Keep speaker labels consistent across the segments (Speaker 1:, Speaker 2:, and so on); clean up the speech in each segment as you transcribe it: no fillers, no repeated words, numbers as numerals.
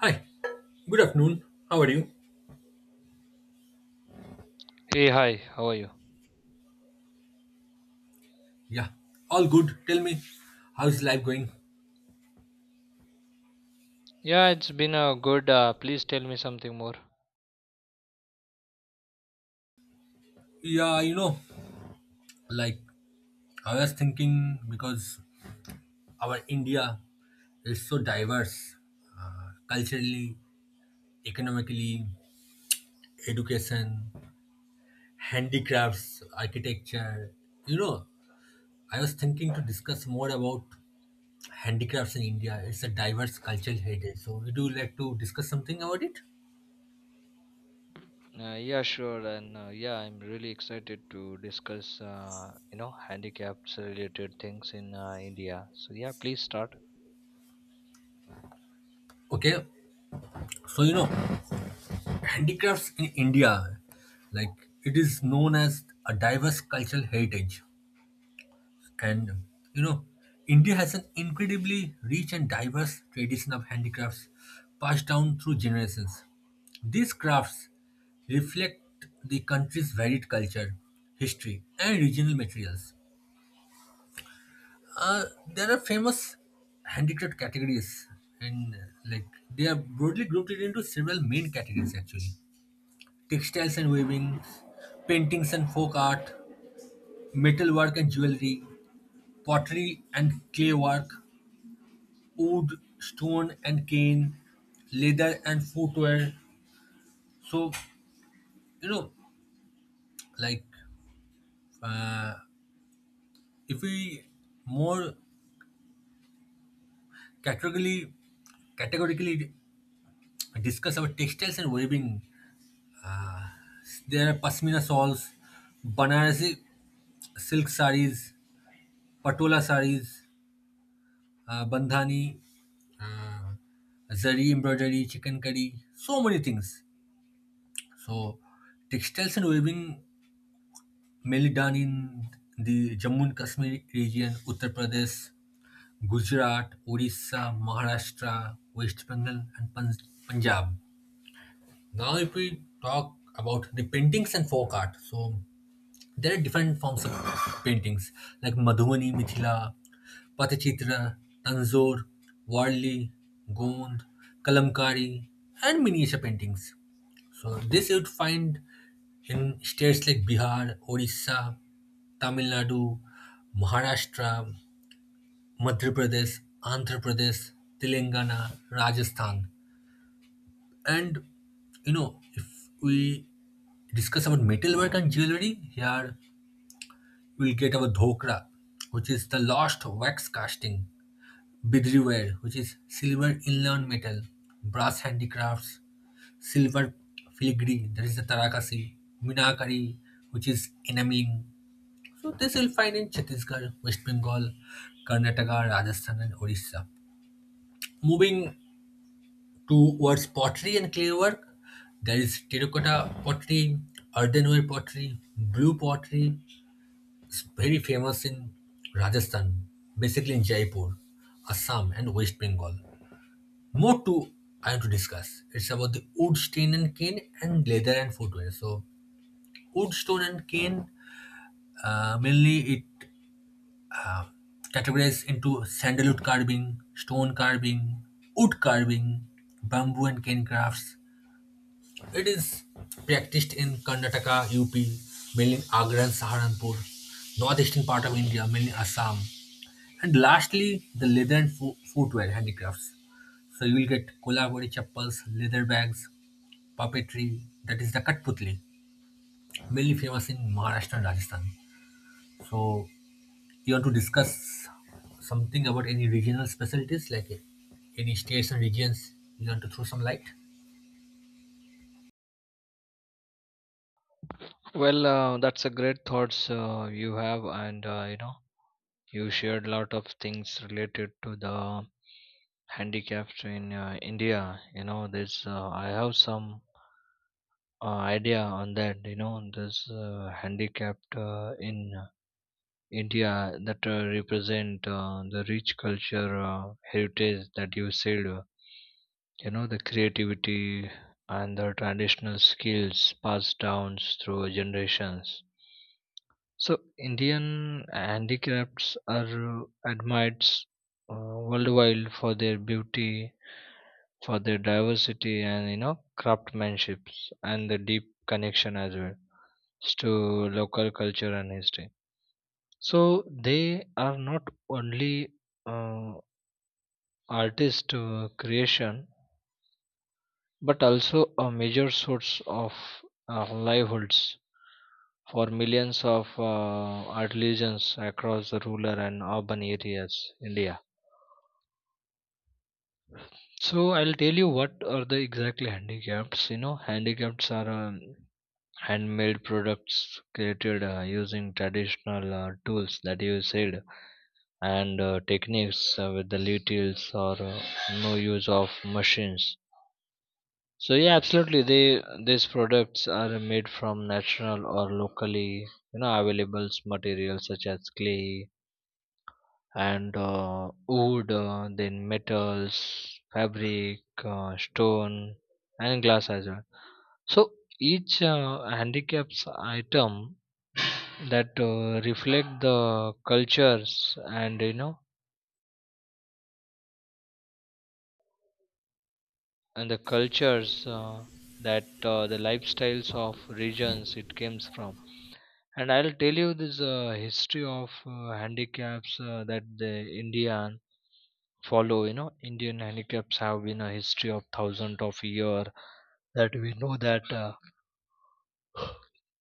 Speaker 1: Hi, good afternoon. How are you?
Speaker 2: Hey, hi, how are you?
Speaker 1: Yeah, all good. Tell me, how's life going?
Speaker 2: Yeah, it's been a good. Please tell me something more.
Speaker 1: Yeah, like I was thinking because our India is so diverse culturally, economically, education, handicrafts, architecture. You know, I was thinking to discuss more about handicrafts in India. It's a diverse cultural heritage. So, would you like to discuss something about it?
Speaker 2: Yeah, sure, and yeah, I'm really excited to discuss, handicaps related things in India. So yeah, please start.
Speaker 1: Okay, so handicrafts in India, like it is known as a diverse cultural heritage. And you know, India has an incredibly rich and diverse tradition of handicrafts passed down through generations. These crafts reflect the country's varied culture, history, and regional materials. There are famous handicraft categories, and like they are broadly grouped into several main categories actually. Textiles and weaving, paintings and folk art, metalwork and jewelry, pottery and clay work, wood, stone and cane, leather and footwear. So, you know, like if we more categorically categorically discuss about textiles and weaving, there are pashmina shawls, Banarasi silk sarees, patola sarees, bandhani, uh, zari embroidery, chicken curry, so many things. So, textiles and weaving mainly done in the Jammu and Kashmir region, Uttar Pradesh, Gujarat, Orissa, Maharashtra, West Bengal, and Punjab. Now, if we talk about the paintings and folk art, so there are different forms of paintings like Madhubani, Mithila, Pathachitra, Tanzor, Warli, Gond, Kalamkari, and miniature paintings. So this you'd find in states like Bihar, Orissa, Tamil Nadu, Maharashtra, Madhya Pradesh, Andhra Pradesh, Telangana, Rajasthan. And if we discuss about metalwork and jewelry, here we'll get our dhokra, which is the lost wax casting, bidriware, which is silver inlaid metal, brass handicrafts, silver filigree, that is the tarakasi, minakari, which is enameling. So this you'll find in Chhattisgarh, West Bengal, Karnataka, Rajasthan, and Orissa. Moving towards pottery and clay work, there is terracotta pottery, earthenware pottery, blue pottery. It's very famous in Rajasthan, basically in Jaipur, Assam, and West Bengal. More too, I want to discuss. It's about the wood, stone, and cane, and leather and footwear. So, wood, stone, and cane mainly it categorized into sandalwood carving, stone carving, wood carving, bamboo and cane crafts. It is practiced in Karnataka, UP, mainly in Agra and Saharanpur, northeastern part of India, mainly Assam. And lastly, the leather and footwear handicrafts. So you will get Kolhapuri chappals, leather bags, puppetry, that is the Kathputli, mainly famous in Maharashtra and Rajasthan. So you want to discuss something about any regional specialties, like any states and regions, you want to throw some light?
Speaker 2: Well, that's a great thoughts you have, and you shared a lot of things related to the handicaps in India. You know, this I have some idea on that. You know, this handicapped in India that represent the rich culture heritage that you said. You know the creativity and the traditional skills passed down through generations. So Indian handicrafts are admired worldwide for their beauty, for their diversity, and you know craftsmanship and the deep connection as well to local culture and history. So they are not only uh, artist creation, but also a major source of livelihoods for millions of artisans across the rural and urban areas India. So I'll tell you what are the exactly handicrafts. You know, handicrafts are handmade products created using traditional tools that you said, and techniques with the littles, or no use of machines. So yeah, absolutely, they these products are made from natural or locally, you know, available materials such as clay and wood, then metals, fabric, stone, and glass as well. So each handicaps item that reflect the cultures, and you know and the cultures, that the lifestyles of regions it comes from. And I'll tell you this history of handicaps that the Indian follow. You know, Indian handicaps have been a history of thousands of year, that we know that uh,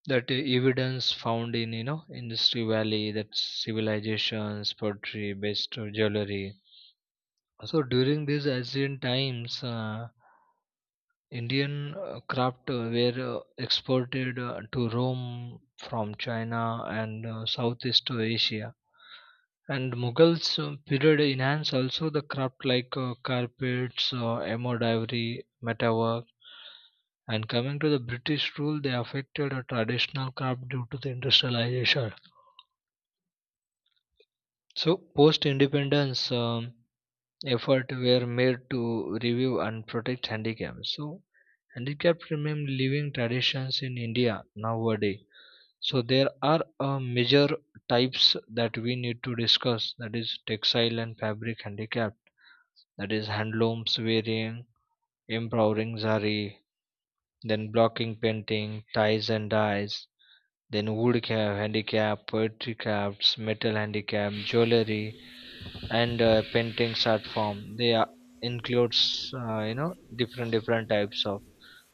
Speaker 2: that evidence found in, you know, industry valley, that civilizations pottery based jewelry. So during these ancient times, Indian craft were exported to Rome from China and Southeast Asia. And Mughals period enhanced also the craft, like carpets, embroidery, metalwork. And coming to the British rule, they affected a traditional craft due to the industrialization. So post independence. Effort were made to review and protect handicap. So, handicap remain living traditions in India nowadays. So, there are major types that we need to discuss, that is, textile and fabric handicap, that is, handlooms, weaving, empowering zari, then blocking painting, ties and dyes, then wood craft, handicap, poetry crafts, metal handicap, jewelry, and paintings art form they are, includes you know different different types of.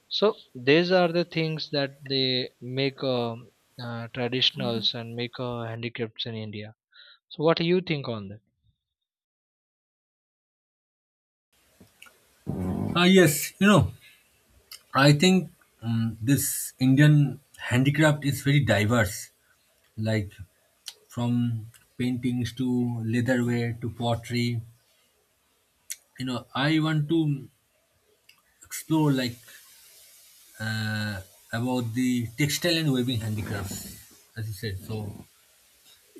Speaker 2: So these are the things that they make, traditionals, and make handicrafts in India. So what do you think on that?
Speaker 1: Ah yes, I think this Indian handicraft is very diverse, like from paintings to leatherware to pottery. I want to explore uh, about the textile and weaving handicrafts as you said. So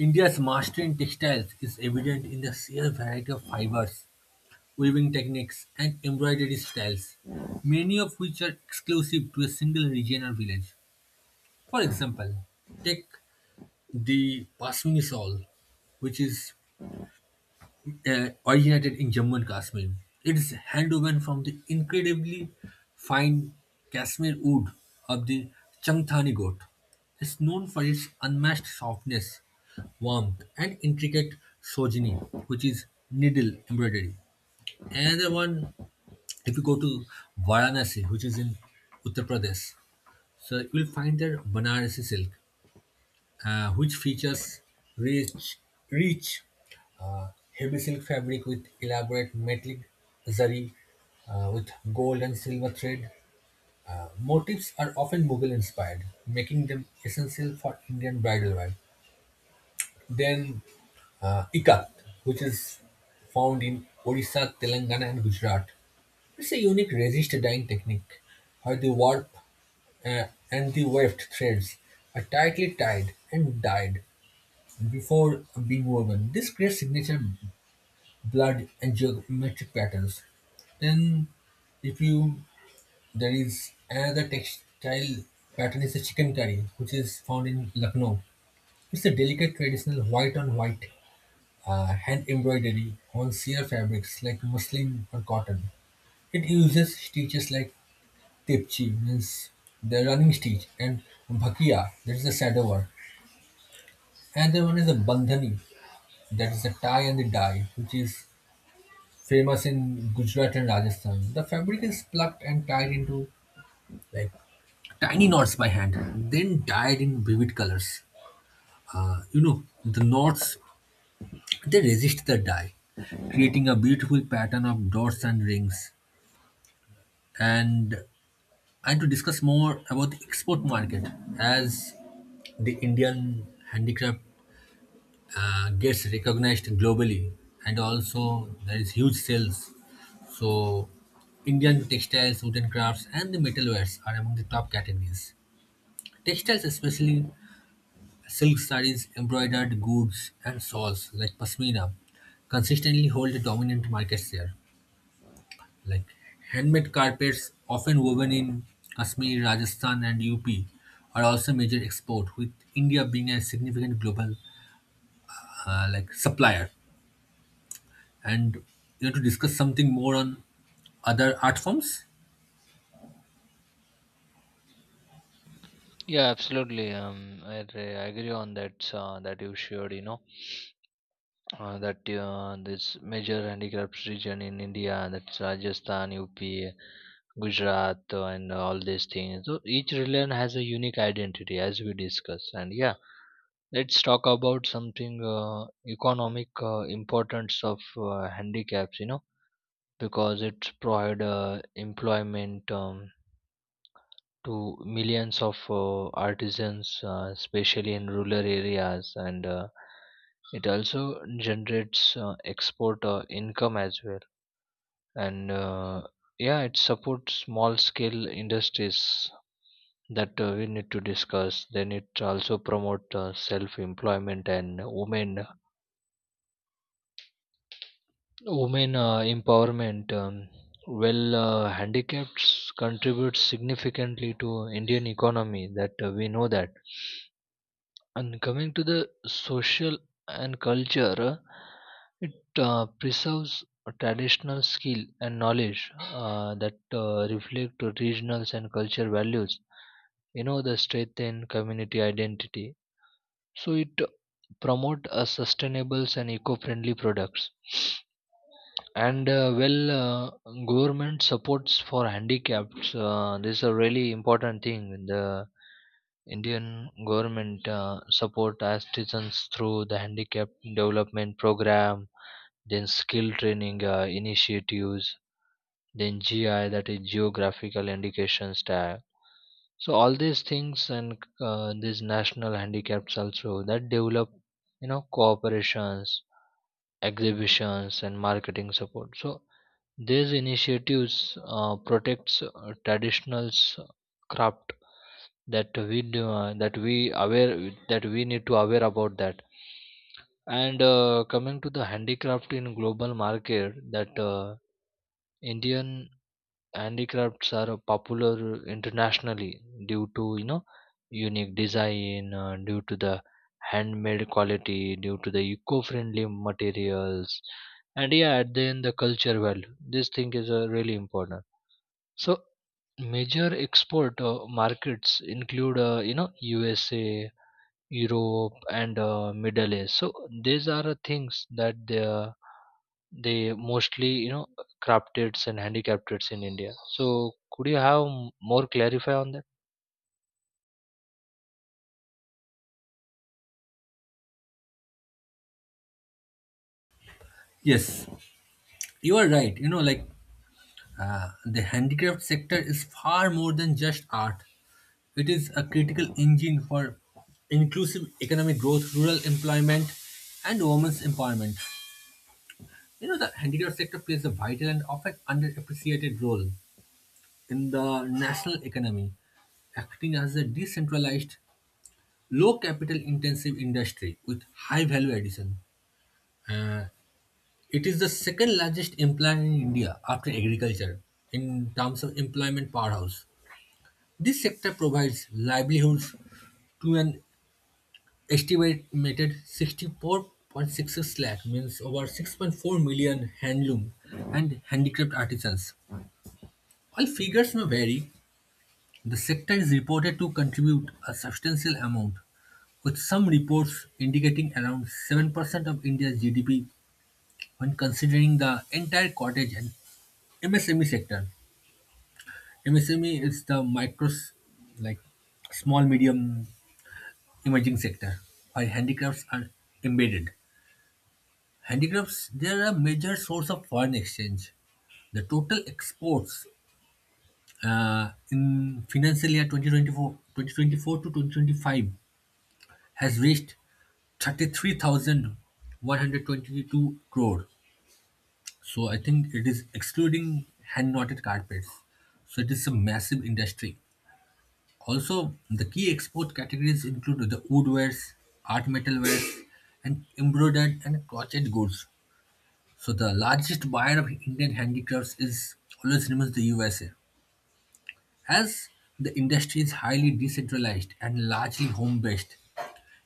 Speaker 1: India's mastery in textiles is evident in the sheer variety of fibers, weaving techniques and embroidery styles, many of which are exclusive to a single region or village. For example, take the pashmini shawl, which is originated in Jammu and Kashmir. It is handwoven from the incredibly fine Kashmir wood of the Changthani goat. It's known for its unmatched softness, warmth, and intricate sojini, which is needle embroidery. Another one, if you go to Varanasi, which is in Uttar Pradesh, so you will find there Banarasi silk, which features rich, rich, uh, heavy silk fabric with elaborate metallic zari with gold and silver thread. Motifs are often Mughal inspired, making them essential for Indian bridal wear. Then, ikat, which is found in Odisha, Telangana, and Gujarat. It's a unique resist dyeing technique where the warp uh, and the weft threads are tightly tied and dyed before being woven. This creates signature blood and geometric patterns. Then, if you there is another textile pattern is the chicken curry, which is found in Lucknow. It's a delicate traditional white on white hand embroidery on sheer fabrics like muslin or cotton. It uses stitches like tipchi, means the running stitch, and bhakia, that is the sadovar. Another one is a bandhani, that is the tie and the dye, which is famous in Gujarat and Rajasthan. The fabric is plucked and tied into like tiny knots by hand, then dyed in vivid colors. The knots they resist the dye, creating a beautiful pattern of dots and rings. And and to discuss more about the export market, as the Indian handicraft gets recognized globally and also there is huge sales, so Indian textiles, wooden crafts and the metalwares are among the top categories. Textiles especially silk sarees, embroidered goods and shawls like pashmina consistently hold a dominant market share. like Handmade carpets often woven in Kashmir, Rajasthan and UP are also major export, with India being a significant global supplier. And to discuss something more on other art forms,
Speaker 2: Yeah, absolutely. I agree on that that you shared. You know, that this major handicapped region in India, that's Rajasthan, UP, Gujarat, and all these things. So each region has a unique identity, as we discussed. And yeah, let's talk about something economic importance of handicaps. You know, because it provide employment. To millions of artisans, especially in rural areas, and it also generates export income as well. And yeah, it supports small scale industries that we need to discuss. Then it also promote self employment and women empowerment. Well, handicaps contribute significantly to Indian economy. That we know that. And coming to the social and culture, it preserves a traditional skill and knowledge that reflect to regional and cultural values. You know, the strengthen community identity. So it promote a sustainable and eco-friendly products. And well, government supports for handicaps. This is a really important thing. The Indian government support artisans through the handicap development program, then skill training initiatives, then GI, that is geographical indications tag. So all these things, and these national handicaps also that develop, you know, cooperations, exhibitions, and marketing support. So these initiatives protects traditional craft that that we aware that we need to aware about that. And coming to the handicraft in global market, that Indian handicrafts are popular internationally due to, you know, unique design, due to the handmade quality, due to the eco-friendly materials, and yeah, at the end, the culture value, this thing is really important. So major export markets include, you know, USA, Europe, and Middle East. So these are things that they mostly, you know, crafted and handicrafted in India. So could you have more clarify on that?
Speaker 1: yes you are right, the handicraft sector is far more than just art. It is a critical engine for inclusive economic growth, rural employment, and women's empowerment. The handicraft sector plays a vital and often underappreciated role in the national economy, acting as a decentralized, low capital intensive industry with high value addition. Uh, It is the second largest employer in India after agriculture in terms of employment powerhouse. This sector provides livelihoods to an estimated 64.66 lakh, means over 6.4 million handloom and handicraft artisans. While figures may vary, the sector is reported to contribute a substantial amount, with some reports indicating around 7% of India's GDP when considering the entire cottage and MSME sector. MSME is the micros, like small medium emerging sector, while handicrafts are embedded. Handicrafts they are a major source of foreign exchange. The total exports in financial year 2024 to 2025 has reached 33,122 crore. So I think it is excluding hand knotted carpets. So it is a massive industry. Also, the key export categories include the woodwares, art metalwares, and embroidered and crochet goods. So, the largest buyer of Indian handicrafts is always remains the USA. As the industry is highly decentralized and largely home-based,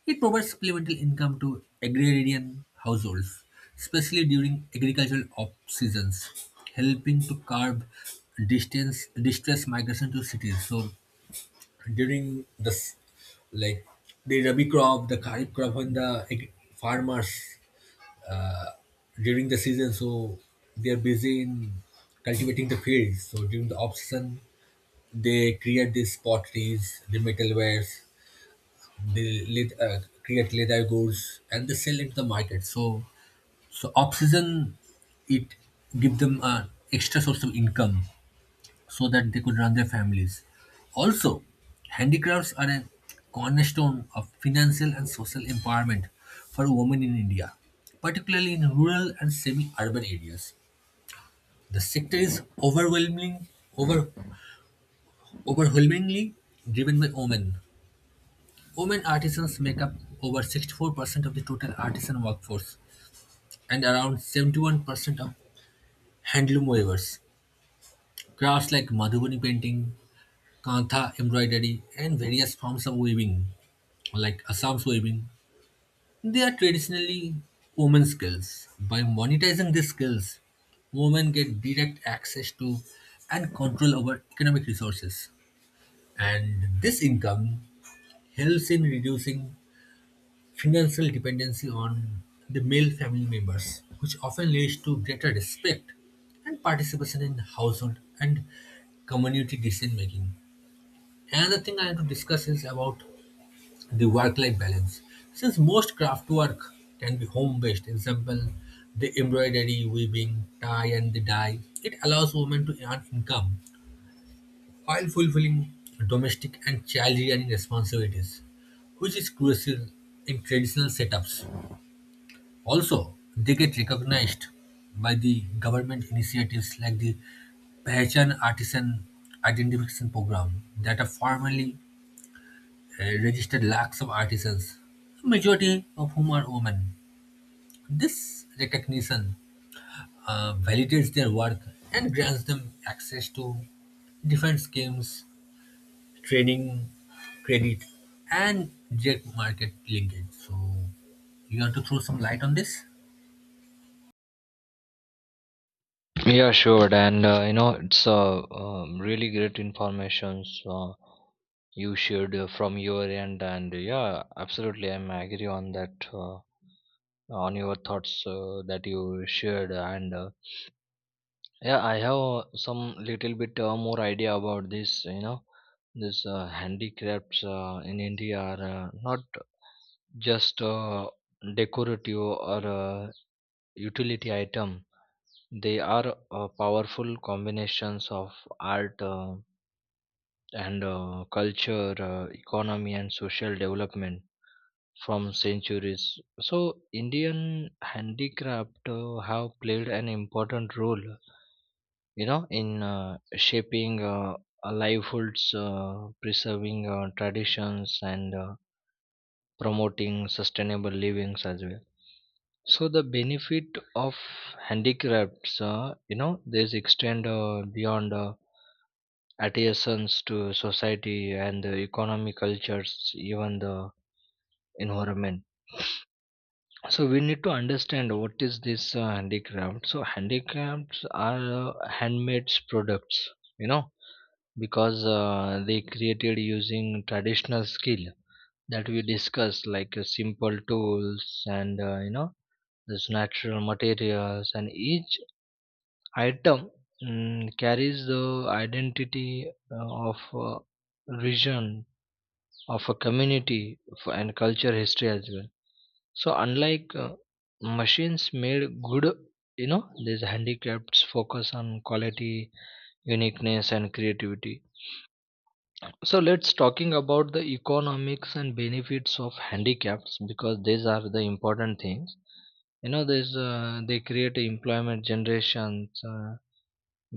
Speaker 1: it provides supplemental income to agrarian households, especially during agricultural off seasons, helping to curb distance distress migration to cities. So during like the rabi crop, the kharif crop and farmers uh, during the season, so they are busy in cultivating the fields. So during the off season they create these potteries, the metalwares, they create leather goods and they sell it to the market. So so off season it give them an extra source of income so that they could run their families. Also, handicrafts are a cornerstone of financial and social empowerment for women in India, particularly in rural and semi-urban areas. The sector is over, overwhelmingly driven by women. Women artisans make up over 64% of the total artisan workforce and around 71% of handloom weavers. Crafts like Madhubani painting, kantha embroidery, and various forms of weaving like Assam swimming, they are traditionally women's skills. By monetizing these skills, women get direct access to and control over economic resources. And this income helps in reducing financial dependency on the male family members, which often leads to greater respect and participation in household and community decision making. Another thing I want to discuss is about the work-life balance. Since most craft work can be home-based, example the embroidery, weaving, tie and the dye, it allows women to earn income while fulfilling domestic and child-rearing responsibilities, which is crucial in traditional setups. Also, they get recognized by the government initiatives like the Pehchan Artisan Identification Program that are formally registered lakhs of artisans, majority of whom are women. This recognition validates their work and grants them access to different schemes, training, credit, and direct market linkage. So, you want to throw some light on this?
Speaker 2: Yeah, sure. And you know, it's really great informations you shared from your end. And yeah, absolutely, I'm agree on that. On your thoughts that you shared, and yeah, I have some little bit more idea about this. You know, this handicrafts in India are not just a decorative or a utility item. They are powerful combinations of art and culture, economy, and social development from centuries. So, Indian handicraft have played an important role, you know, in shaping livelihoods, preserving traditions, and promoting sustainable livings as well. So the benefit of handicrafts, you know, this extend beyond adhesions to society and the economic cultures, even the environment. So we need to understand what is this handicraft. So handicrafts are handmade products, you know, because they created using traditional skill that we discussed, like simple tools and you know these natural materials. And each item, carries the identity of a region, of a community, and culture history as well. So unlike machines made good, you know, these handicrafts focus on quality, uniqueness, and creativity. So let's talking about the economics and benefits of handicrafts, because these are the important things. You know, there's they create employment generations,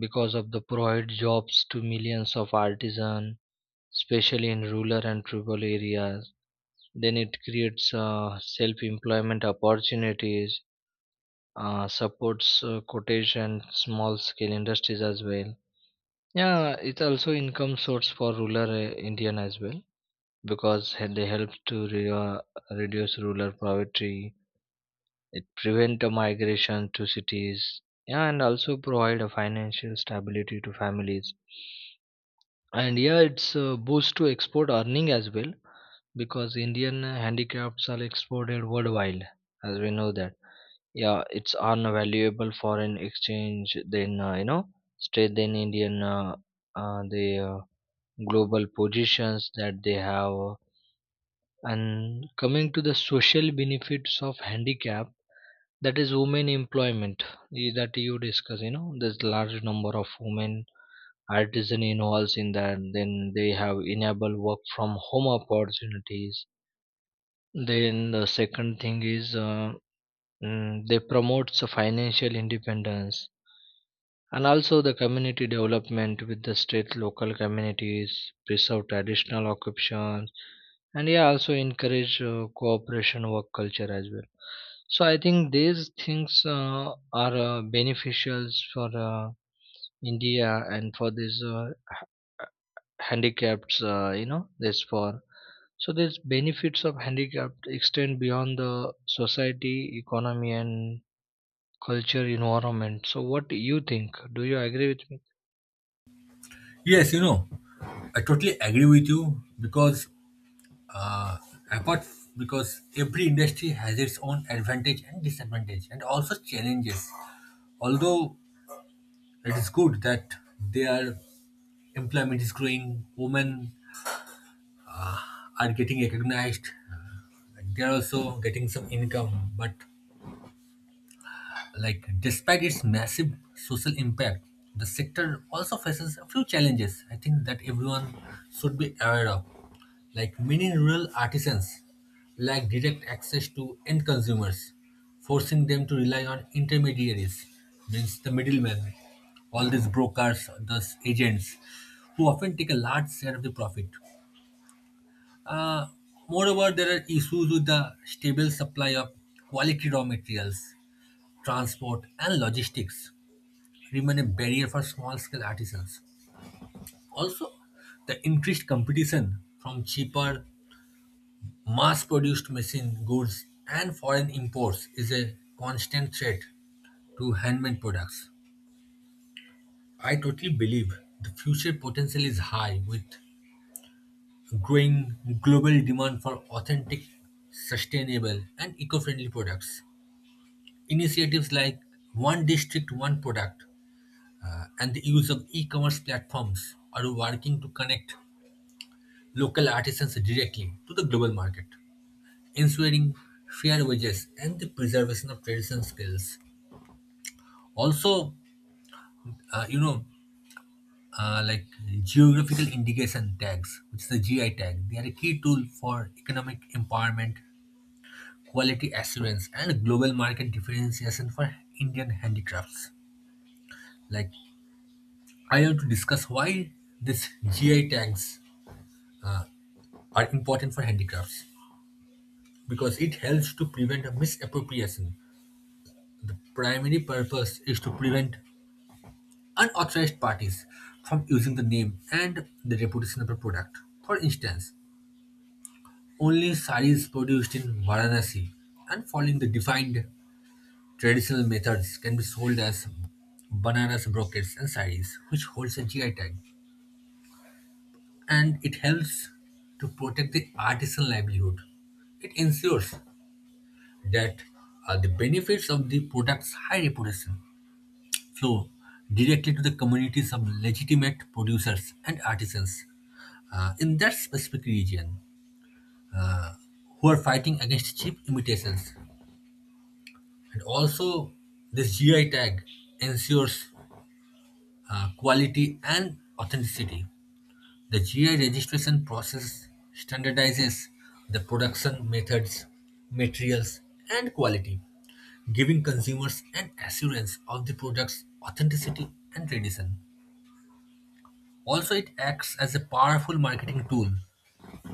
Speaker 2: because of the provide jobs to millions of artisans, especially in rural and tribal areas. Then it creates self-employment opportunities, supports cottage and small scale industries as well. Yeah, it's also income source for rural Indian as well, because they help to reduce rural poverty. It prevent the migration to cities, yeah, and also provide a financial stability to families. And yeah, it's a boost to export earning as well, because Indian handicrafts are exported worldwide, as we know that. Yeah, it's on a valuable foreign exchange. Then you know, strengthen Indian the global positions that they have. And coming to the social benefits of handicap, that is women employment, that you discuss. You know, there's large number of women artisan involves in that. Then they have enable work from home opportunities. Then the second thing is, they promotes a financial independence, and also the community development with the state local communities preserve traditional occupations. And yeah, also encourage cooperation work culture as well. So I think these things are beneficial for India, and for these h- handicapped you know this for. So these benefits of handicapped extend beyond the society, economy, and culture environment. So what do you think? Do you agree with me?
Speaker 1: Yes, I totally agree with you because uh, because every industry has its own advantage and disadvantage and also challenges. Although it is good that their employment is growing, women are getting recognized, and they are also getting some income, but despite its massive social impact, the sector also faces a few challenges I think that everyone should be aware of. Like, many rural artisans lack direct access to end consumers, forcing them to rely on intermediaries, means the middlemen, all these brokers, those agents, who often take a large share of the profit. Uh, moreover, there are issues with the stable supply of quality raw materials, transport, and logistics remain a barrier for small scale artisans. Also, the increased competition from cheaper, mass produced machine goods and foreign imports is a constant threat to handmade products. I totally believe the future potential is high with growing global demand for authentic, sustainable, and eco friendly products. Initiatives like One District, One Product, and the use of e-commerce platforms are working to connect local artisans directly to the global market, ensuring fair wages and the preservation of traditional skills. Also, uh, you know, uh, like geographical indication tags, which is the GI tag, they are a key tool for economic empowerment, quality assurance, and global market differentiation for Indian handicrafts. Like, I want to discuss why these GI tags are important for handicrafts. Because it helps to prevent a misappropriation. Primary purpose is to prevent unauthorized parties from using the name and the reputation of a product. For instance, only saris produced in Varanasi and following the defined traditional methods can be sold as bananas, brocades, and saris, which holds a GI tag. And it helps to protect the artisan livelihood. It ensures that the benefits of the product's high reputation flow directly to the communities of legitimate producers and artisans in that specific region who are fighting against cheap imitations. And also, this GI tag ensures quality and authenticity. The GI registration process standardizes the production methods, materials, and quality, giving consumers an assurance of the product's authenticity and tradition. Also, it acts as a powerful marketing tool,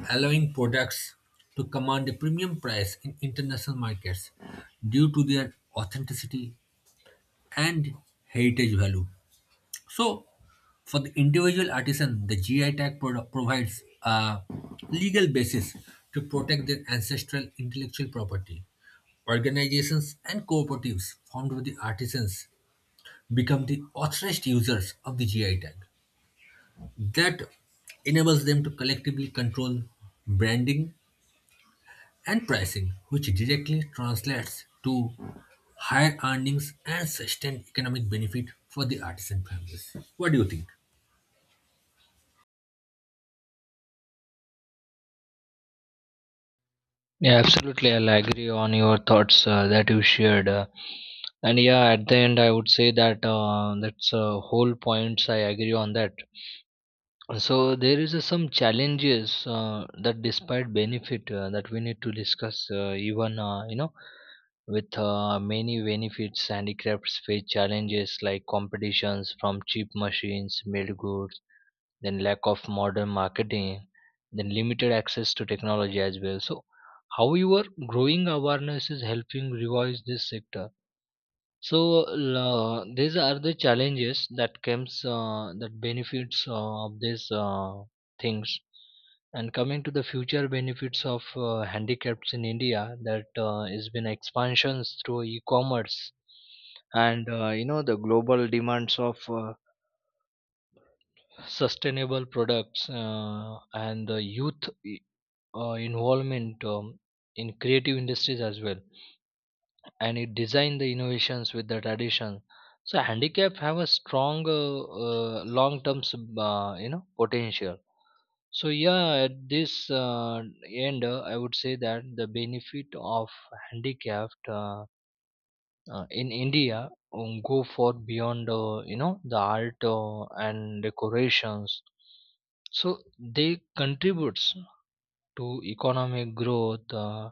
Speaker 1: allowing products to command a premium price in international markets due to their authenticity and heritage value. So, for the individual artisan, the GI tag provides a legal basis to protect their ancestral intellectual property. Organizations and cooperatives formed with the artisans become the authorized users of the GI tag, that enables them to collectively control branding and pricing, which directly translates to higher earnings and sustained economic benefit for the artisan families. What do you think?
Speaker 2: Yeah, absolutely. I'll agree on your thoughts that you shared. And yeah, at the end, I would say that that's whole points. I agree on that. So there is some challenges that, despite benefit, that we need to discuss. Even you know, with many benefits, handicrafts face challenges like competitions from cheap machines, made goods, then lack of modern marketing, then limited access to technology as well. So, however, growing awareness is helping revive this sector. So these are the challenges that comes, that benefits of these things. And coming to the future benefits of handicaps in India, that has been expansions through e-commerce and you know the global demands of sustainable products, and the youth involvement, in creative industries as well, and it design the innovations with the tradition. So handicap have a strong long term you know potential. So yeah, at this end, I would say that the benefit of handicapped in India go for beyond you know the art and decorations. So they contributes to economic growth,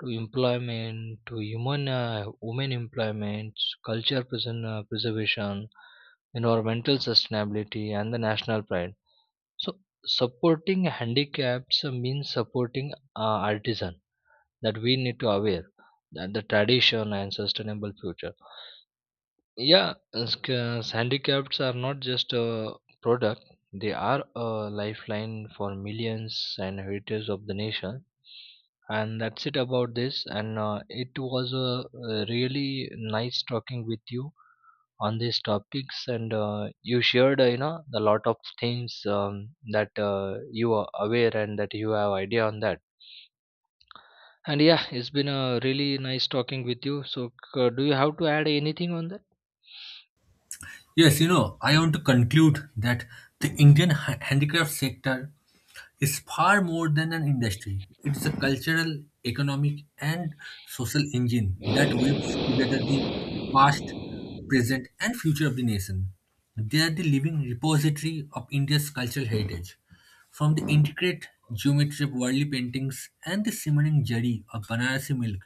Speaker 2: to employment, to human women employment, culture preservation, environmental sustainability, and the national pride. So supporting handicaps means supporting artisan that we need to aware, that the tradition and sustainable future. Yeah, as as handicaps are not just a product, they are a lifeline for millions and heritage of the nation. And that's it about this. And it was a, really nice talking with you on these topics. And you shared, a lot of things that you are aware and that you have idea on that. And yeah, it's been a really nice talking with you. So, do you have to add anything on that?
Speaker 1: Yes, I want to conclude that the Indian handicraft sector is far more than an industry. It's a cultural, economic, and social engine that weaves together the past, present, and future of the nation. They are the living repository of India's cultural heritage. From the intricate geometry of worldly paintings and the simmering jari of Banarasi milk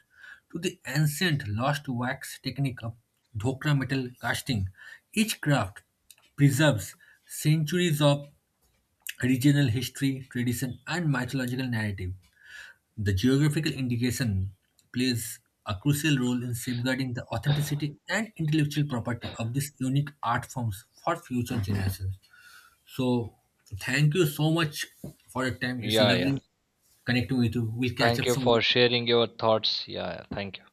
Speaker 1: to the ancient lost wax technique of Dhokra metal casting, each craft preserves centuries of regional history, tradition, and mythological narrative. The geographical indication plays a crucial role in safeguarding the authenticity and intellectual property of these unique art forms for future generations. So, thank you so much for your time. It's
Speaker 2: Yeah, yeah.
Speaker 1: lovely connecting with you. We'll catch up
Speaker 2: Thank you
Speaker 1: some
Speaker 2: for
Speaker 1: other time.
Speaker 2: sharing your thoughts. Yeah, yeah. Thank you.